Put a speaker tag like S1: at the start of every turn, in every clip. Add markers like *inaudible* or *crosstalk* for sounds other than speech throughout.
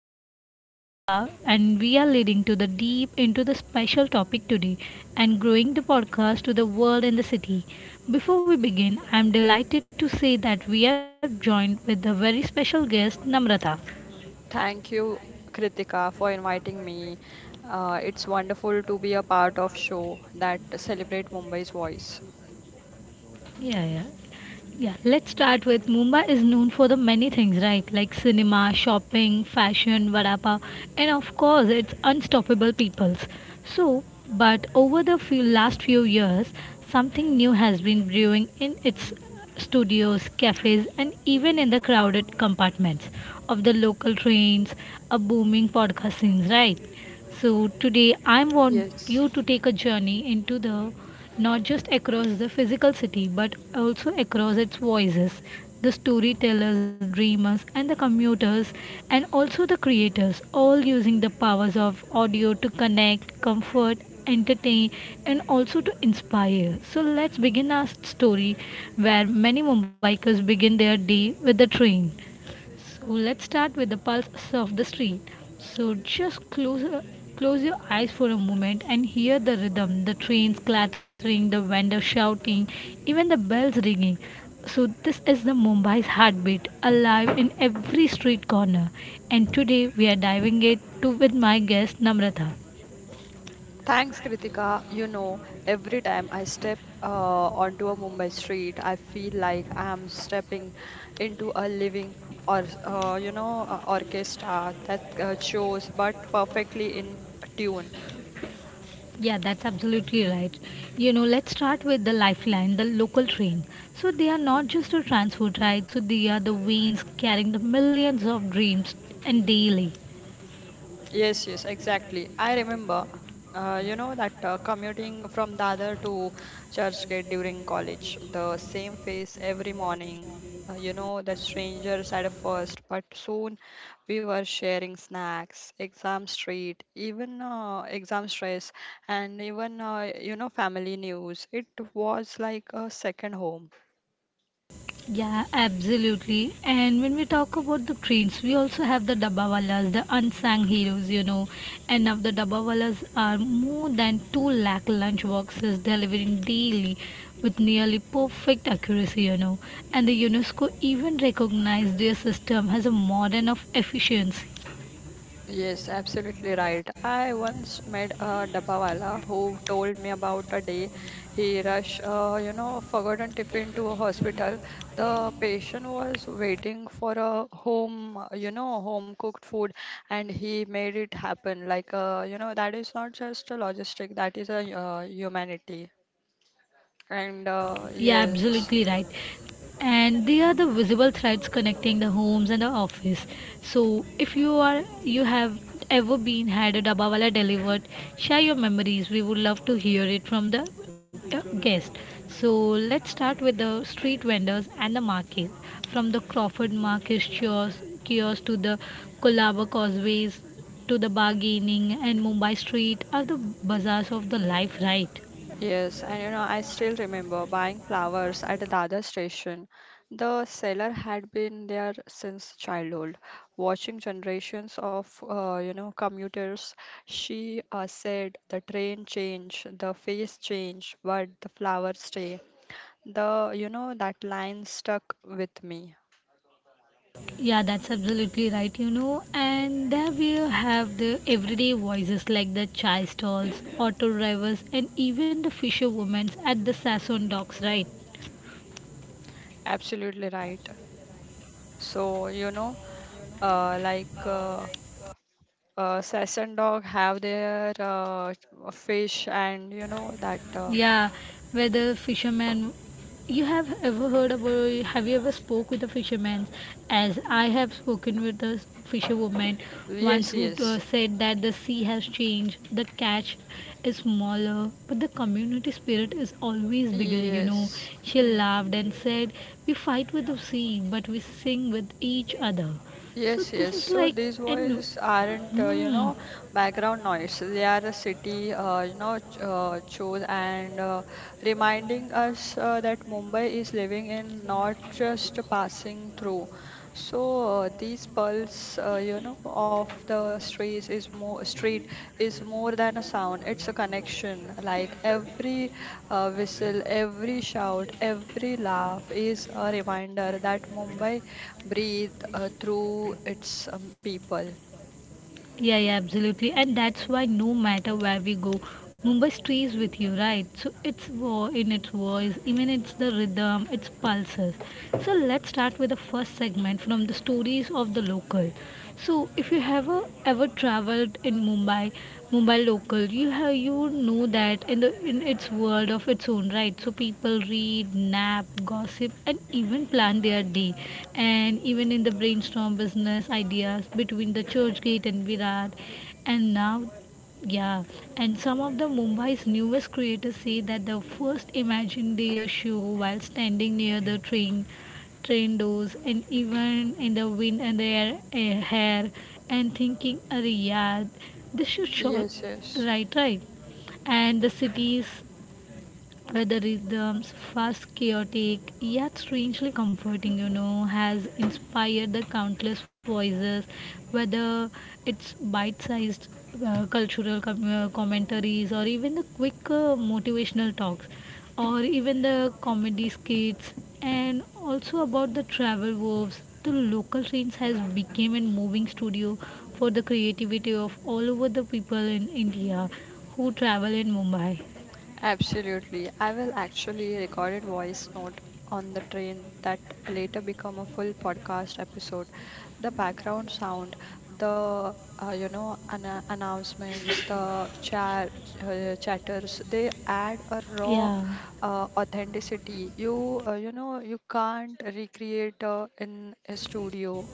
S1: your host Kritika, and we are leading to the deep into the special topic today and growing the podcast to the world and the city. Before we begin, I'm delighted to say that we are joined with a very special guest, Namrata.
S2: Thank you, Kritika, for inviting me. It's wonderful to be a part of show that celebrate Mumbai's voice.
S1: Yeah, yeah. Yeah, let's start with Mumbai is known for the many things, right? Like cinema, shopping, fashion, vada pav, and of course, it's unstoppable peoples. So, but over the few years, something new has been brewing in its studios, cafes, and even in the crowded compartments of the local trains, a booming podcast scene, right? So, today I want
S2: Yes.
S1: you to take a journey into the not just across the physical city but also across its voices, the storytellers, the dreamers, and the commuters, and also the creators, all using the powers of audio to connect, comfort, entertain, and also to inspire. So, let's begin our story where many Mumbaikers begin their day with the train. So let's start with the pulse of the street. So just close your eyes for a moment and hear the rhythm, the trains clattering, the vendors shouting, even the bells ringing. So this is the Mumbai's heartbeat, alive in every street corner. And today we are diving it to with my guest Namrata.
S2: Thanks, Kritika. You know, every time I step onto a Mumbai street, I feel like I am stepping into a living or a orchestra that shows but perfectly in tune.
S1: Yeah, that's absolutely right. You know, let's start with the lifeline, the local train. So they are not just a transport, right? So they are the veins carrying the millions of dreams and daily.
S2: Yes, yes, exactly. I remember, you know, that commuting from Dadar to Churchgate during college, the same face every morning. The strangers at first, but soon we were sharing snacks, exam street, even exam stress, and even, family news. It was like a second home.
S1: Yeah, absolutely. And when we talk about the trains, we also have the Dabbawalas, the unsung heroes, And now the Dabbawalas are more than 2 lakh lunch boxes delivering daily with nearly perfect accuracy, And the UNESCO even recognized their system as a modern of efficiency.
S2: Yes, absolutely right. I once met a dabbawala who told me about a day he rushed, forgotten tiffin to a hospital. The patient was waiting for a home, home cooked food, and he made it happen. Like, that is not just a logistic, that is a humanity. And
S1: Yeah, absolutely right.
S2: yes.
S1: And they are the visible threads connecting the homes and the office. So if you have ever been had a dabawala delivered, share your memories. We would love to hear it from the guest. So let's start with the street vendors and the market. From the Crawford Market kiosk to the Kolaba causeways to the bargaining and Mumbai street are the bazaars of the life, right?
S2: Yes, and you know, I still remember buying flowers at Dada station. The seller had been there since childhood, watching generations of commuters. She said the train change, the face change, but the flowers stay. The you know that line stuck with me.
S1: Yeah, that's absolutely right, you know. And there we have the everyday voices like the chai stalls, auto drivers, and even the fisherwomen at the Sassoon docks, right?
S2: Absolutely right. So you know, uh, like uh, Sass and Dog have their fish, and you know that.
S1: Yeah, where the fisherman. You have ever heard about? Have you ever spoke with a fisherman? As I have spoken with a fisherwoman once
S2: Yes,
S1: who
S2: yes,
S1: said that the sea has changed, the catch is smaller, but the community spirit is always bigger. You know,
S2: yes,
S1: she
S2: yeah.
S1: laughed and said, "We fight with the sea, but we sing with each other." So
S2: Yes,
S1: this
S2: yes.
S1: is
S2: So
S1: like,
S2: these
S1: and
S2: voices aren't,
S1: mm,
S2: background noise. They are the city, chose and reminding us that Mumbai is living in, not just passing through. So these pulse of the streets is more than a sound. It's a connection. Like every whistle, every shout, every laugh is a reminder that Mumbai breathe through its people.
S1: yeah, yeah, absolutely. And that's why no matter where we go, Mumbai stays with you, right? So it's wo- in its voice, even it's the rhythm, its pulses. So let's start with the first segment from the stories of the local. So if you have ever traveled in Mumbai, Mumbai local, you have you know that in the in its world of its own, right? So people read, nap, gossip, and even plan their day, and even in the brainstorm business ideas between the Churchgate and Virat, and now yeah, and some of the Mumbai's newest creators say that the first imagined their show while standing near the train doors, and even in the wind and their hair, and thinking, "Arey yeah, this should show
S2: Yes, yes,
S1: right, right." And the cities where the rhythms, fast, chaotic, yet strangely comforting, you know, has inspired the countless voices, whether it's bite sized cultural commentaries or even the quick motivational talks or even the comedy skits and also about the travel wars, the local trains has become a moving studio for the creativity of all over the people in India who travel in Mumbai,
S2: absolutely. I will actually recorded voice note on the train that later become a full podcast episode. The background sound, the announcements, the chatters, they add a raw
S1: yeah.
S2: authenticity. You know you can't recreate in a studio.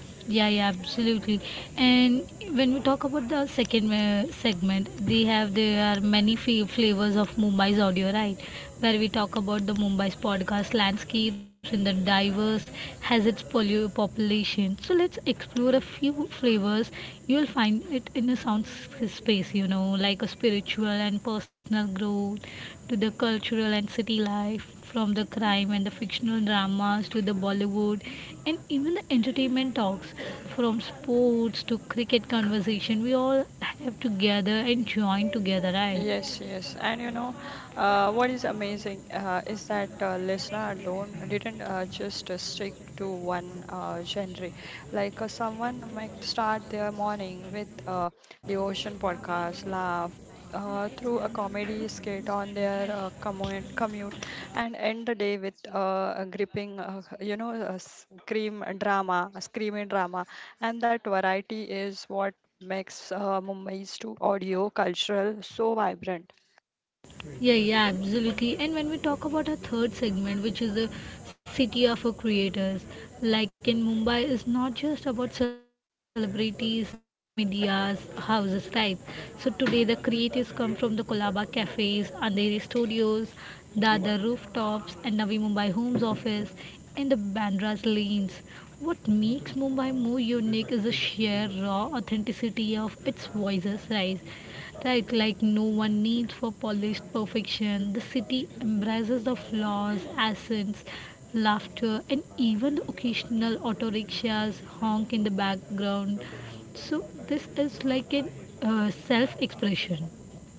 S1: Yeah, yeah, absolutely. And when we talk about the second segment, they have there are many flavors of Mumbai's audio, right? Where we talk about the Mumbai's podcast landscapes and the diverse has its population. So let's explore a few flavors. You'll find it in the sound space, you know, like a spiritual and personal growth to the cultural and city life, from the crime and the fictional dramas to the Bollywood and even the entertainment talks, from sports to cricket conversation, we all have to gather and join together, right?
S2: Yes, yes, and you know, what is amazing is that listener don't didn't just stick to one genre. Like someone might start their morning with a devotion podcast, laugh through a comedy skit on their commute, and end the day with a gripping, you know, a scream drama, a screaming drama, and that variety is what makes Mumbai's to audio cultural so vibrant.
S1: Yeah, yeah, absolutely. And when we talk about our third segment, which is the city of our creators, like in Mumbai, is not just about celebrities or media's houses, right? So today the creatives come from the Kolaba cafes, Andheri studios, Dadar rooftops, and Navi Mumbai Homes office, and the Bandra's lanes. What makes Mumbai more unique is the sheer raw authenticity of its voices, right? Right, like no one needs for polished perfection. The city embraces the flaws, accents, laughter, and even the occasional auto rickshaws honk in the background. So this is like an self expression.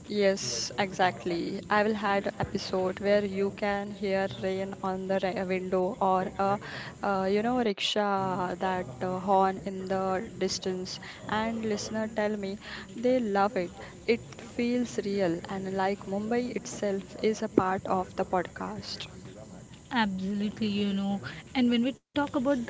S2: Yes, exactly. I will had a episode where you can hear rain on the window or a, rickshaw that horn in the distance, and listener tell me they love it. It feels real and like Mumbai itself is a part of the podcast.
S1: Absolutely, you know. And when we talk about the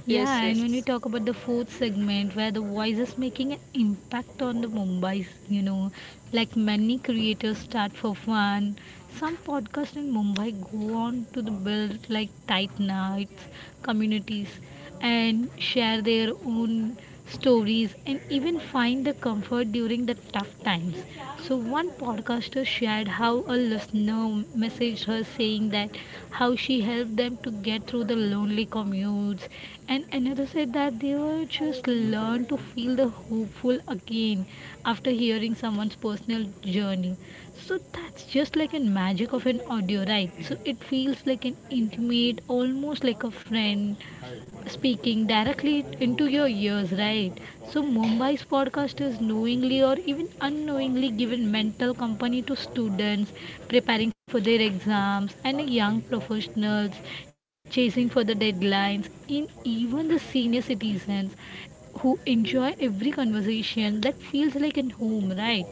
S1: yeah,
S2: Yes,
S1: and when
S2: yes.
S1: we talk about the fourth segment, where the voice is making an impact on the Mumbai's, you know, like many creators start for fun. Some podcasts in Mumbai go on to the build like tight nights, communities, and share their own stories and even find the comfort during the tough times. So, one podcaster shared how a listener messaged her saying that how she helped them to get through the lonely commutes, and another said that they were just learn to feel the hopeful again after hearing someone's personal journey. So, that's just like a magic of an audio, right? So, it feels like an intimate, almost like a friend speaking directly into your ears, right? So, Mumbai's podcast is knowingly or even unknowingly given mental company to students preparing for their exams and young professionals chasing for the deadlines, in even the senior citizens who enjoy every conversation that feels like an home, right?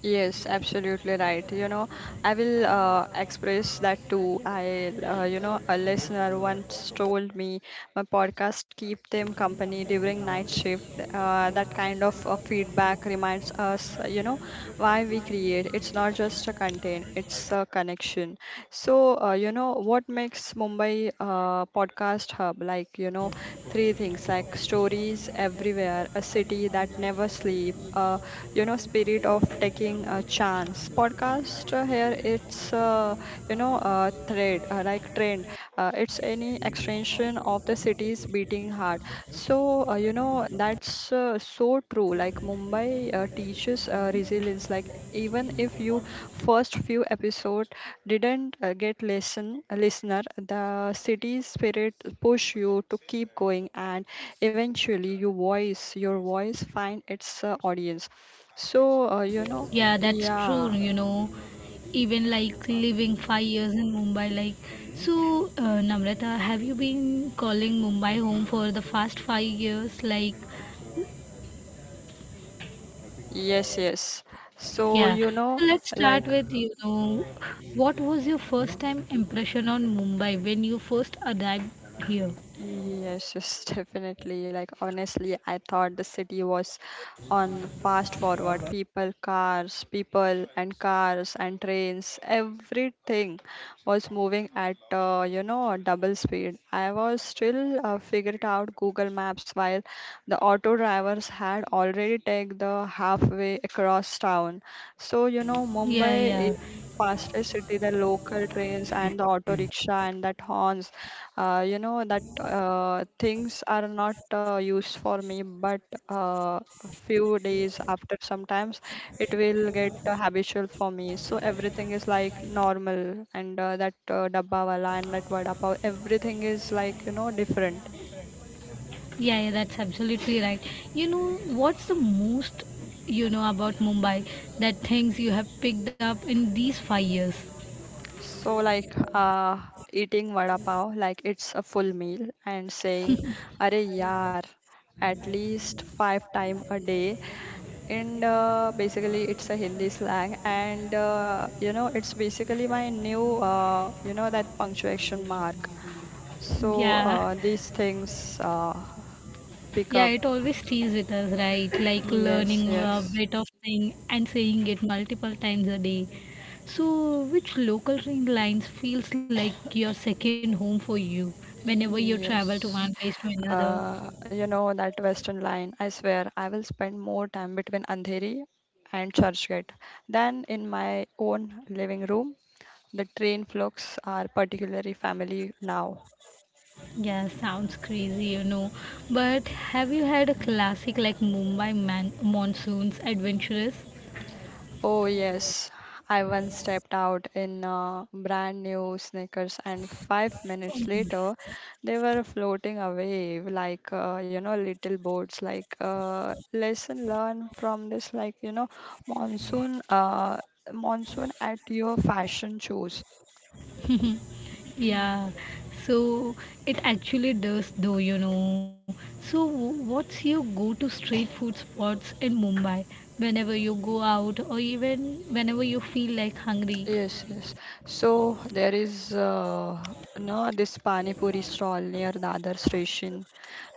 S2: Yes, absolutely right. You know, I will express that too. A listener once told me my podcast keep them company during night shift. That kind of feedback reminds us, why we create. It's not just a content; it's a connection. So, what makes Mumbai podcast hub? Like, you know, three things like stories everywhere, a city that never sleep, a you know spirit of taking a chance podcast here it's you know thread like trend it's any extension of the city's beating heart. So that's so true. Like Mumbai teaches resilience. Like even if you first few episode didn't get listen a listener, the city's spirit push you to keep going, and eventually your voice find its audience. So,
S1: Yeah, that's true, you
S2: yeah,
S1: know. Even like living 5 years in Mumbai, like so, Namrata, have you been calling Mumbai home for the past 5 years? Like,
S2: yes, yes. So,
S1: yeah.
S2: you know,
S1: So let's start
S2: like
S1: with, you know, what was your first time impression on Mumbai when you first arrived here?
S2: yes, yes, *laughs* definitely. Like, honestly, I thought the city was on fast forward. People, cars, people, and cars, and trains, everything was moving at, double speed. I was still figured out Google Maps while the auto drivers had already taken the halfway across town. So, you know,
S1: Yeah,
S2: Mumbai is
S1: yeah,
S2: the fastest city, the local trains and the auto rickshaw and that horns you know that things are not used for me, but uh, a few days after, sometimes it will get habitual for me. So everything is like normal, and that dabba wala and that vada pav, everything is like you know different.
S1: yeah, that's absolutely right. You know, what's the most you know about Mumbai that things you have picked up in these 5 years?
S2: So like eating vada pav, like it's a full meal, and saying, "Arey yaar." at least 5 time a day, and basically it's a Hindi slang, and it's basically my new that punctuation mark. So
S1: Yeah.
S2: these things pick
S1: Yeah,
S2: up.
S1: it always stays with us, right? Like
S2: Yes,
S1: learning a
S2: yes,
S1: bit of thing and saying it multiple times a day. So, which local train lines feels like your second home for you whenever you travel to one
S2: yes.
S1: place to another?
S2: That Western line. I swear I will spend more time between Andheri and Churchgate than in my own living room. The train flocks are particularly family now.
S1: Yeah, sounds crazy, you know. But have you had a classic like Mumbai monsoons adventurous?
S2: Oh, yes. I once stepped out in brand new sneakers, and 5 minutes later, they were floating away like, little boats. Like, lesson learned from this, like, you know, monsoon, uh, monsoon at your fashion shows.
S1: Yeah, so it actually does, though, you know. So, what's your go to street food spots in Mumbai whenever you go out or even whenever you feel like hungry?
S2: Yes, yes. So, there is, no, this Pani Puri stall near Dadar station,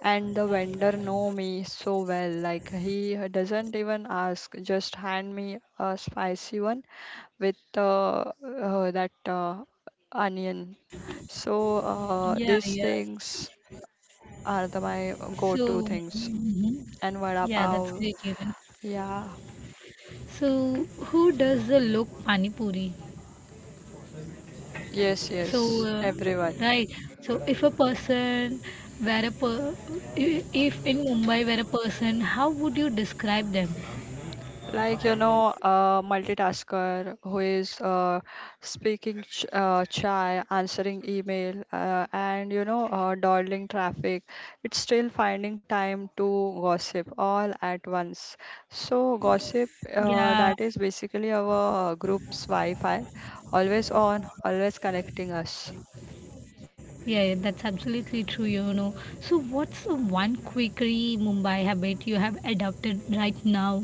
S2: and the vendor know me so well like he doesn't even ask, just hand me a spicy one with that onion. So
S1: Yeah, yeah.
S2: these things are the my go-to
S1: So,
S2: things,
S1: mhm.
S2: and vada
S1: Yeah, that's
S2: pav.
S1: great, you know.
S2: Yeah.
S1: So, who does the look pani puri?
S2: Yes, yes,
S1: So,
S2: everyone.
S1: right. So, if a person were a per, I- if in Mumbai were a person, how would you describe them?
S2: Like you know a multitasker who is speaking chai, answering email and you know dawdling traffic, it's still finding time to gossip all at once. So gossip,
S1: Yeah.
S2: that is basically our group's wi-fi, always on, always connecting us.
S1: Yeah, yeah, that's absolutely true, you know. So, what's the one quickie Mumbai habit you have adopted right now?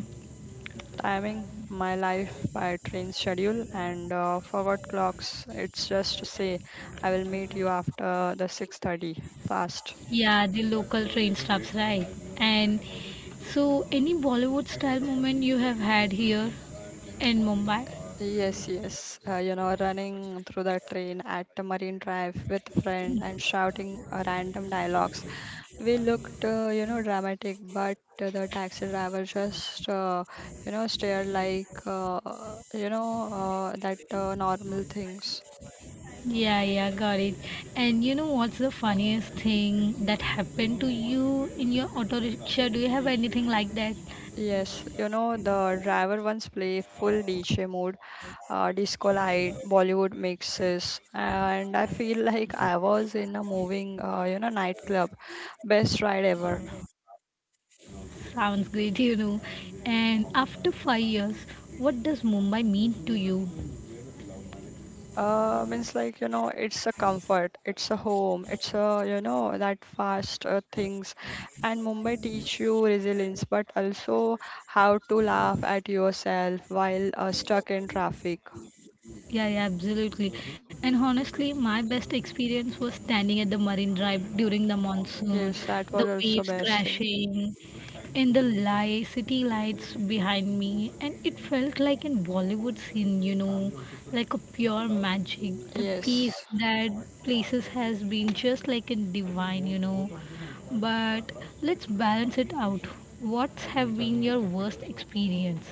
S2: Timing my life by train schedule and forgot clocks, it's just to say I will meet you after the 6:30 fast.
S1: Yeah, the local train stops, right? And so, any Bollywood style moment you have had here in Mumbai?
S2: Yes, yes, running through the train at the marine drive with a friend and shouting random dialogues. We looked dramatic, but the taxi driver just stared like you know that normal things.
S1: Yeah, yeah, got it. And you know what's the funniest thing that happened to you in your auto rickshaw? Do you have anything like that?
S2: Yes, you know, the driver once play full DJ mode, disco light, Bollywood mixes, and I feel *laughs* like I was in a moving, nightclub. Best ride ever.
S1: Sounds great, you know. And after 5 years, what does Mumbai mean to you?
S2: Means like, you know, it's a comfort, it's a home, it's a, you know, that fast things. And Mumbai teach you resilience, but also how to laugh at yourself while stuck in traffic.
S1: Yeah, yeah, absolutely. And honestly, my best experience was standing at the marine drive during the monsoon,
S2: Yes, that
S1: the
S2: was also
S1: waves
S2: best thing.
S1: crashing, and the city lights behind me. And it felt like in Bollywood scene, you know, like a pure magic. The peace
S2: Yes.
S1: that places has been just like in divine, you know. But let's balance it out. What have been your worst experience?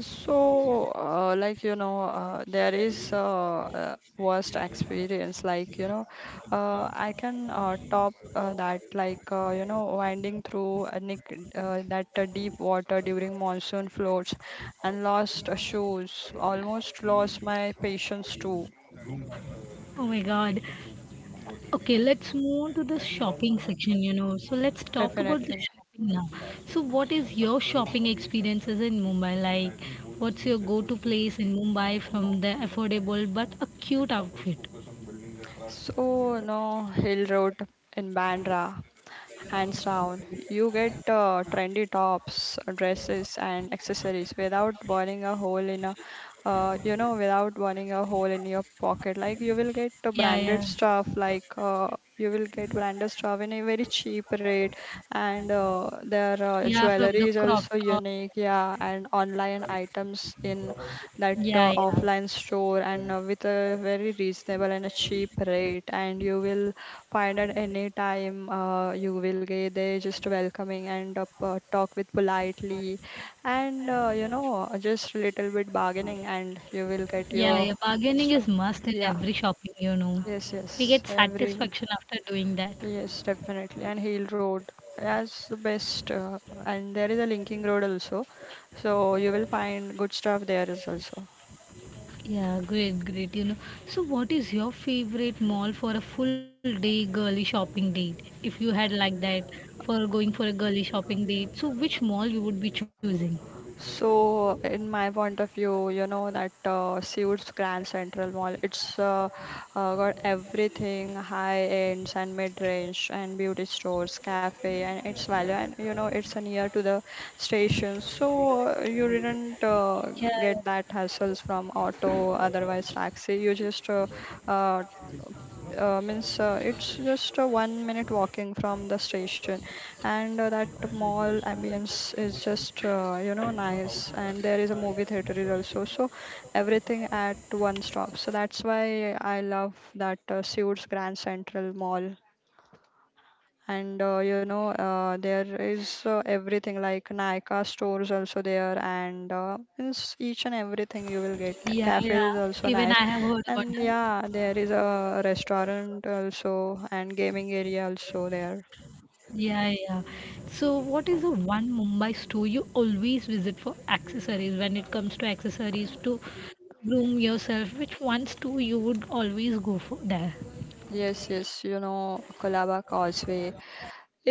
S2: So, like you know, there is worst experience. Like you know, I can top that. Like winding through a nick, that deep water during monsoon floods, and lost shoes. Almost lost my patience too.
S1: Oh my god. Okay, let's move on to the shopping section, you know. So let's talk about the
S2: Definitely.
S1: shopping now. So what is your shopping experiences in Mumbai like? What's your go-to place in Mumbai from the affordable but a cute outfit?
S2: So, no, hill road in Bandra, hands down. You get trendy tops, dresses, and accessories without burning a hole in a, without burning a hole in your pocket. Like you will get
S1: Yeah,
S2: branded
S1: yeah.
S2: stuff, like you will get branded stuff in a very cheap rate, and their
S1: Yeah, from
S2: jewelry
S1: the
S2: is
S1: crop
S2: also
S1: top.
S2: unique. Yeah, and online items in that
S1: Yeah, yeah.
S2: offline store and with a very reasonable and a cheap rate, and you will find at any time you will get. They just welcoming and talk with politely, and just little bit bargaining and you will get
S1: Yeah,
S2: your
S1: yeah. Bargaining is
S2: stuff.
S1: must in
S2: Yeah.
S1: every shopping, you know.
S2: Yes, yes,
S1: We get
S2: every
S1: satisfaction after doing that.
S2: yes. Definitely, and hill road as the best, and there is a linking road also, so you will find good stuff there is also.
S1: Yeah, great, great. You know, so what is your favorite mall for a full day girly shopping date? If you had like that for going for a girly shopping date, so which mall you would be choosing?
S2: So, in my point of view, you know that Suits Grand Central Mall, it's got everything high ends and mid range and beauty stores, cafe, and its value. And you know, it's near to the station, so you didn't
S1: Yeah,
S2: get that hassles from auto, otherwise taxi. You just uh, means it's just a 1 minute walking from the station, and that mall ambience is just nice, and there is a movie theater is also. So everything at one stop, so that's why I love that Seoul's grand central mall. And there is everything like Nykaa stores also there, and it's each and everything you will get.
S1: yeah,
S2: Cafe
S1: yeah.
S2: is also
S1: Even
S2: nice,
S1: I have heard about
S2: and
S1: that.
S2: yeah, there is a restaurant also and gaming area also there.
S1: Yeah, yeah. So what is the one Mumbai store you always visit for accessories when it comes to accessories to groom yourself? Which one store you would always go for there?
S2: Yes, yes, you know, Colaba Causeway.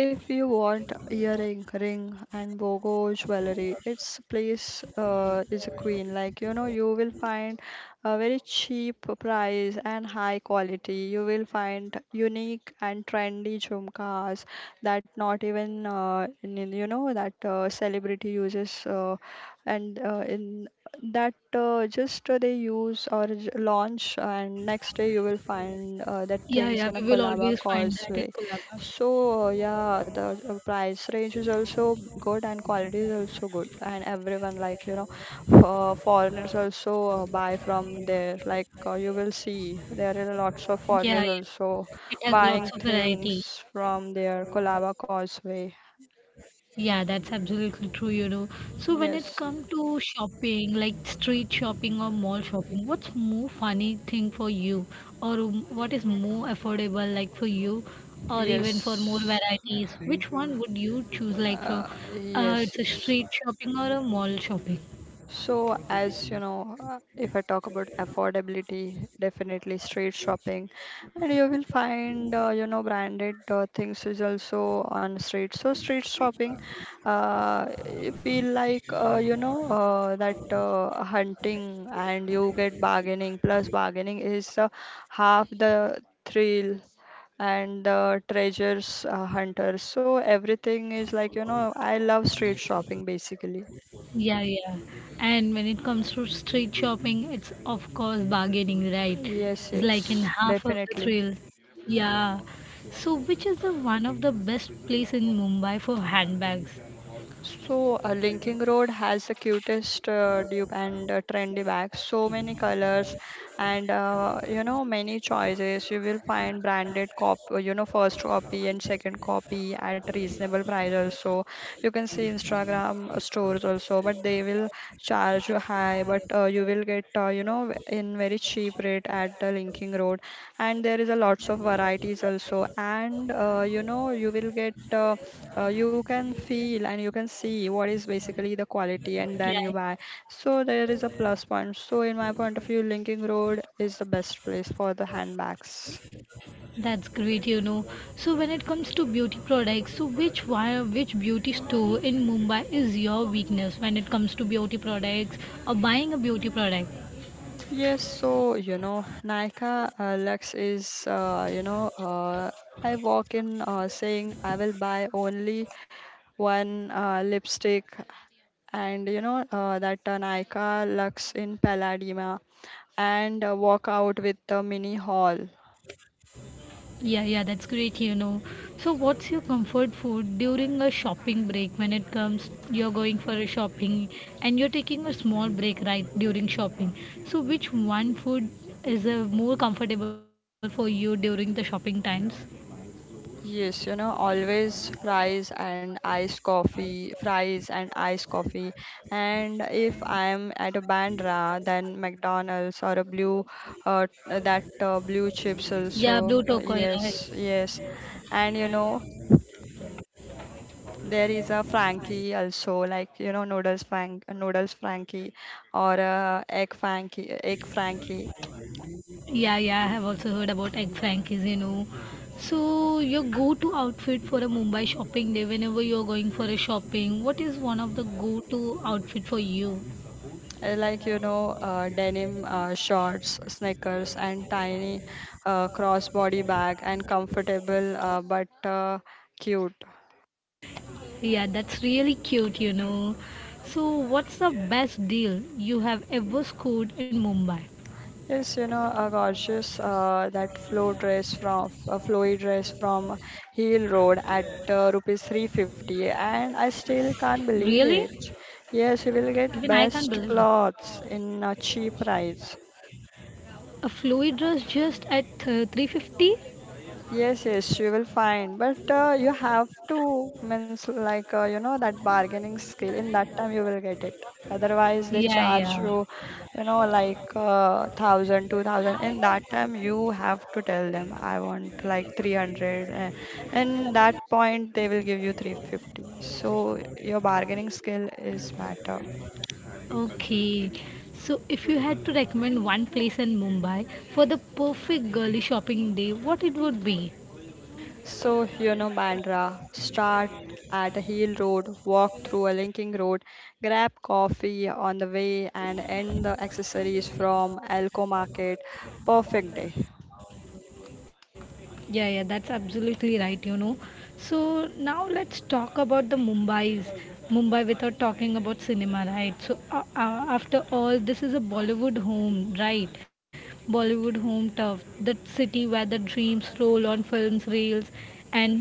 S2: If you want earring, ring, and bogo jewelry, its place is a queen. Like you know, you will find a very cheap price and high quality. You will find unique and trendy jhumkas that not even in- you know that celebrity uses, and in that just they use or launch, and next day you will find
S1: Yeah,
S2: that
S1: yeah, we
S2: things
S1: will
S2: in a
S1: always
S2: Colaba
S1: find that in
S2: causeway.
S1: Colaba.
S2: So, yeah, the price range is also good and quality is also good. And everyone, like, you know, for foreigners also buy from there. Like, you will see there are lots of
S1: Yeah,
S2: foreigners
S1: yeah.
S2: also
S1: It has lots
S2: buying
S1: of variety.
S2: things from their Colaba Causeway.
S1: Yeah, that's absolutely true. So when it's
S2: Yes,
S1: come to shopping, like street shopping or mall shopping, what's more funny thing for you? Or what is more affordable like for you? Or even for more
S2: yes,
S1: varieties? Which one would you choose like for
S2: yes,
S1: it's a
S2: yes.
S1: street shopping or a mall shopping?
S2: So, as you know, if I talk about affordability, definitely street shopping, and you will find you know branded things is also on street. So, street shopping, you feel like you know that hunting and you get bargaining. Plus, bargaining is half the thrill and the treasures hunters. So, everything is like you know I love street shopping basically.
S1: Yeah, yeah. And when it comes to street shopping, it's of course bargaining, right?
S2: Yes,
S1: It's like in
S2: yes,
S1: half of the
S2: definitely.
S1: thrill. Yeah. So which is the one of the best place in Mumbai for handbags?
S2: So, Linking Road has the cutest dupe and trendy bags. So many colors and you know many choices. You will find branded you know, first copy and second copy at reasonable price also. You can see Instagram stores also, but they will charge you high, but you will get you know in very cheap rate at the Linking Road. And there is a lots of varieties also, and you know you will get. You can feel and you can see what is basically the quality
S1: Yeah,
S2: and
S1: yeah.
S2: then you buy. So there is a plus point. So in my point of view Linking Road is the best place for the handbags.
S1: that's great, you know. So when it comes to beauty products, so which one, which beauty store in Mumbai is your weakness when it comes to beauty products or buying a beauty product?
S2: Yes, so you know Nika Lux is I walk in saying I will buy only one lipstick, and you know that Nika Lux in Paladima, and walk out with the mini haul.
S1: Yeah, yeah, that's great. So, what's your comfort food during a shopping break when it comes you're going for a shopping and you're taking a small break right during shopping? So, which one food is more comfortable for you during the shopping times?
S2: Yes, you know, always fries and iced coffee, fries and iced coffee. And if I'm at a Bandra, then McDonald's or a blue, that blue chips
S1: Yeah, blue
S2: also.
S1: turquoise, right?
S2: Yes, yes. And you know, there is a Frankie also, like you know, noodles Frankie, or a egg Frankie, egg Frankie.
S1: Yeah, yeah, I have also heard about egg frankies, you know. So, your go-to outfit for a Mumbai shopping day whenever you're going for a shopping, what is one of the go-to outfit for you?
S2: I like you know denim shorts sneakers and tiny crossbody bag and comfortable but cute.
S1: Yeah, that's really cute. So, what's the best deal you have ever scored in Mumbai?
S2: Yes, you know a gorgeous that flow dress from f- a flowy dress from Heel Road at rupees 350, and I still can't
S1: Really?
S2: believe it. Yes, you will
S1: Even
S2: get
S1: I can't believe
S2: best
S1: it.
S2: clothes in a cheap price.
S1: A fluid dress just at 350?
S2: Yes, yes, she will find. But you have to means like you know that bargaining skill. In that time, you will get it. Otherwise, they
S1: Yeah,
S2: charge
S1: yeah.
S2: you, you know, like thousand, 2,000. In that time, you have to tell them, I want like 300, and that point they will give you 350. So your bargaining skill is matter.
S1: Okay. So, if you had to recommend one place in Mumbai for the perfect girly shopping day, what it would be?
S2: So, you know, Bandra, start at a hill road, walk through a linking road, grab coffee on the way, and end the accessories from Alco Market. Perfect day.
S1: Yeah, yeah, that's absolutely right. So now let's talk about the Mumbai without talking about cinema, right? So after all, this is a Bollywood home, right? Bollywood home turf, the city where the dreams roll on films, reels, and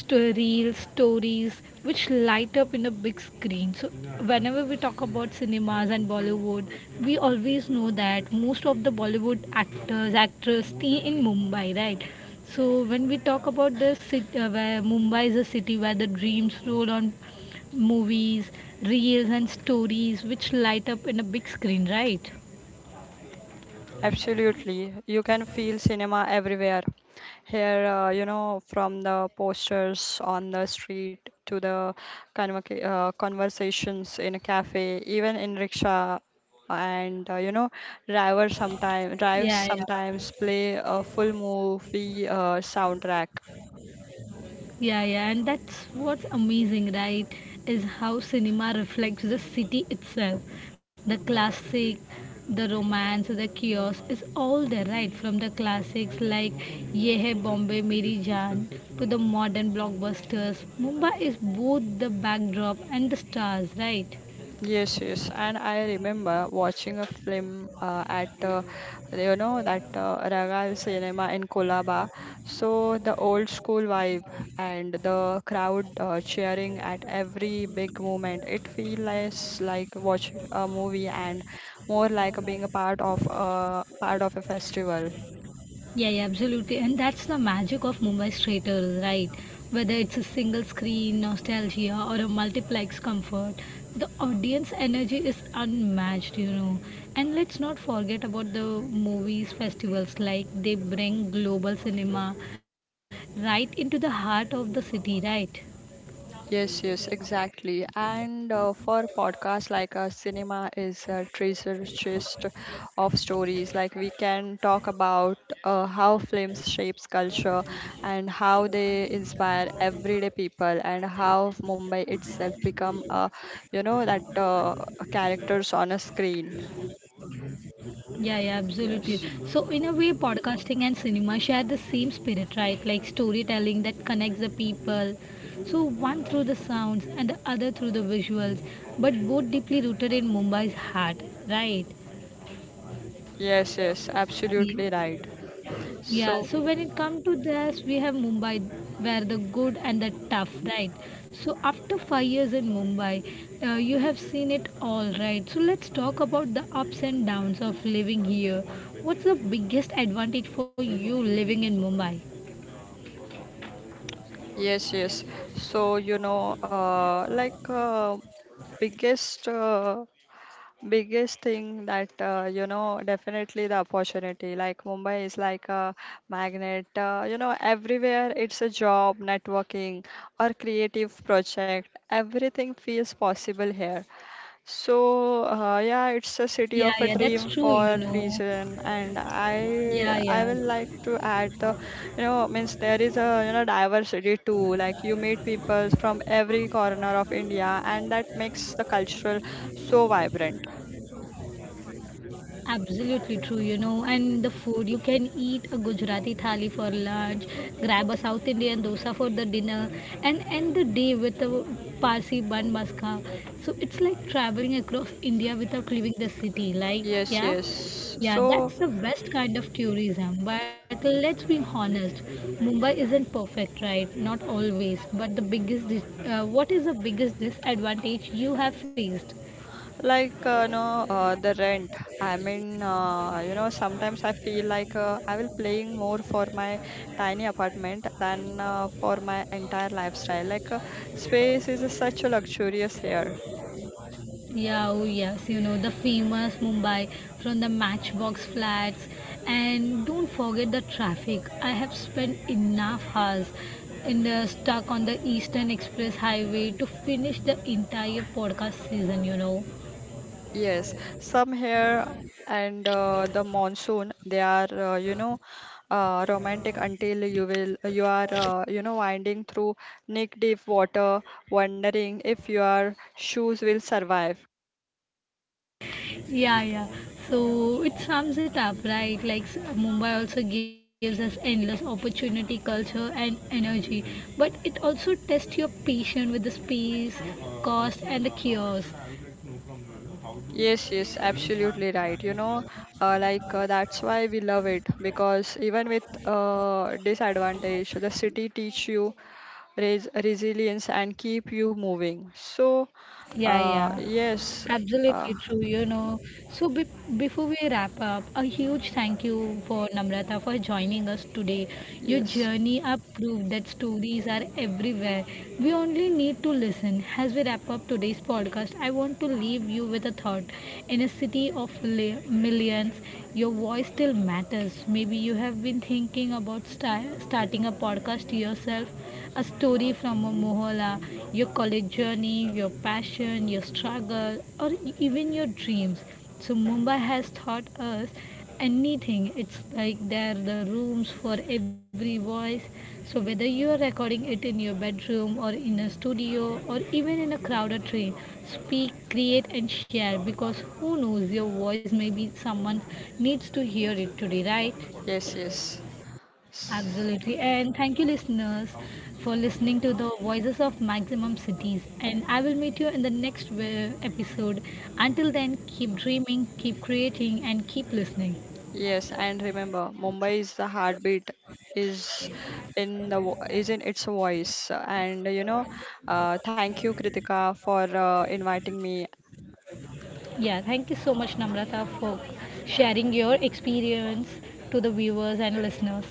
S1: stories, which light up in a big screen. So, whenever we talk about cinemas and Bollywood, we always know that most of the Bollywood actors stay in Mumbai, right? So, when we talk about this city, where Mumbai is a city where the dreams roll on movies, reels, and stories, which light up in a big screen, right?
S2: Absolutely. You can feel cinema everywhere. Here, you know, from the posters on the street to the conversations in a cafe, even in rickshaw, and you know, driver sometimes drives
S1: Yeah, yeah.
S2: sometimes play a full movie soundtrack.
S1: Yeah, yeah, and that's what's amazing, right? Is how cinema reflects the city itself. The classic, the romance, the chaos is all there, right? From the classics like Ye Hai Bombay Meri Jaan to the modern blockbusters, Mumbai is both the backdrop and the stars, right?
S2: Yes, yes, and I remember watching a film at you know that Raga cinema in Kolaba. So the old school vibe and the crowd cheering at every big moment. It feels less like watching a movie and more like being a part of a festival.
S1: Yeah, yeah, absolutely. And that's the magic of Mumbai theatres, right? Whether it's a single screen nostalgia or a multiplex comfort, the audience energy is unmatched. And let's not forget about the movies festivals, like they bring global cinema right into the heart of the city, right?
S2: Yes, yes, exactly. And for podcasts like cinema is a treasure chest of stories. Like we can talk about how films shapes culture and how they inspire everyday people and how Mumbai itself become a, you know, that characters on a screen.
S1: Yeah, yeah, absolutely. So, in
S2: Yes.
S1: a way, podcasting and cinema share the same spirit, right? Like storytelling that connects the people. So, one through the sounds and the other through the visuals, but both deeply rooted in Mumbai's heart, right?
S2: Yes, yes, absolutely right.
S1: Yeah,
S2: So,
S1: so when it comes to this, we have Mumbai, where the good and the tough, right? So after 5 years in Mumbai, you have seen it all, right? So let's talk about the ups and downs of living here. What's the biggest advantage for you living in Mumbai?
S2: yes, yes. So, you know, biggest uh, biggest thing that you know definitely the opportunity. Like Mumbai is like a magnet, you know, everywhere. It's a job, networking, or creative project. Everything feels possible here. So, yeah, it's a city
S1: Yeah,
S2: of a
S1: yeah, that's
S2: dream
S1: true, you
S2: for a
S1: know.
S2: reason. And i
S1: Yeah,
S2: i
S1: yeah.
S2: will like to add the, you know, means there is a, you know, diversity too. Like you meet people from every corner of India, and that makes the cultural so vibrant.
S1: Absolutely true. And the food, you can eat a Gujarati thali for lunch, grab a South Indian dosa for the dinner, and end the day with a Parsi bun maska. So it's like traveling across India without leaving the city. Like,
S2: Yes,
S1: yeah,
S2: yes.
S1: yeah,
S2: So,
S1: that's the best kind of tourism. But let's be honest, Mumbai isn't perfect, right? Not always. But the biggest, what is the biggest disadvantage you have faced?
S2: like, no, the rent. I mean, you know, sometimes I feel like I will paying more for my tiny apartment than for my entire lifestyle. Like, space is a such a luxurious here.
S1: Yeah, oh yes, you know, the famous Mumbai from the Matchbox flats. And don't forget the traffic. I have spent enough hours in the stuck on the Eastern Express Highway to finish the entire podcast season, you know.
S2: Yes, some here, and the monsoon, they are, you know, romantic until you are, you know, winding through neck deep water, wondering if your shoes will survive.
S1: Yeah, yeah. So it sums it up, right? Like Mumbai also gives us endless opportunity, culture, and energy, but it also tests your patience with the space, cost, and the chaos.
S2: Yes, yes, absolutely right. You know, that's why we love it, because even with disadvantage, the city teach you resilience and keep you moving. So,
S1: Yeah,
S2: uh,
S1: yeah.
S2: yes, uh,
S1: Absolutely true. So before we wrap up, a huge thank you for Namrata for joining us today. Your
S2: yes,
S1: journey up proved that stories are everywhere. We only need to listen. As we wrap up today's podcast, I want to leave you with a thought. In a city of millions, your voice still matters. Maybe you have been thinking about starting a podcast yourself a story from a mohalla, your college journey, your passion, your struggle, or even your dreams. So Mumbai has taught us anything. It's like there are the rooms for every voice. So whether you are recording it in your bedroom or in a studio or even in a crowded train, speak, create and share because who knows your voice maybe someone needs to hear it today, right?
S2: yes, yes, S-
S1: Absolutely. And thank you, listeners, for listening to the voices of maximum cities. And I will meet you in the next episode. Until then, keep dreaming, keep creating, and keep listening.
S2: yes. And remember, Mumbai is the heartbeat, is in the is in its voice. And you know, thank you, Kritika, for inviting me
S1: Yeah, thank you so much, Namrata, for sharing your experience to the viewers and listeners.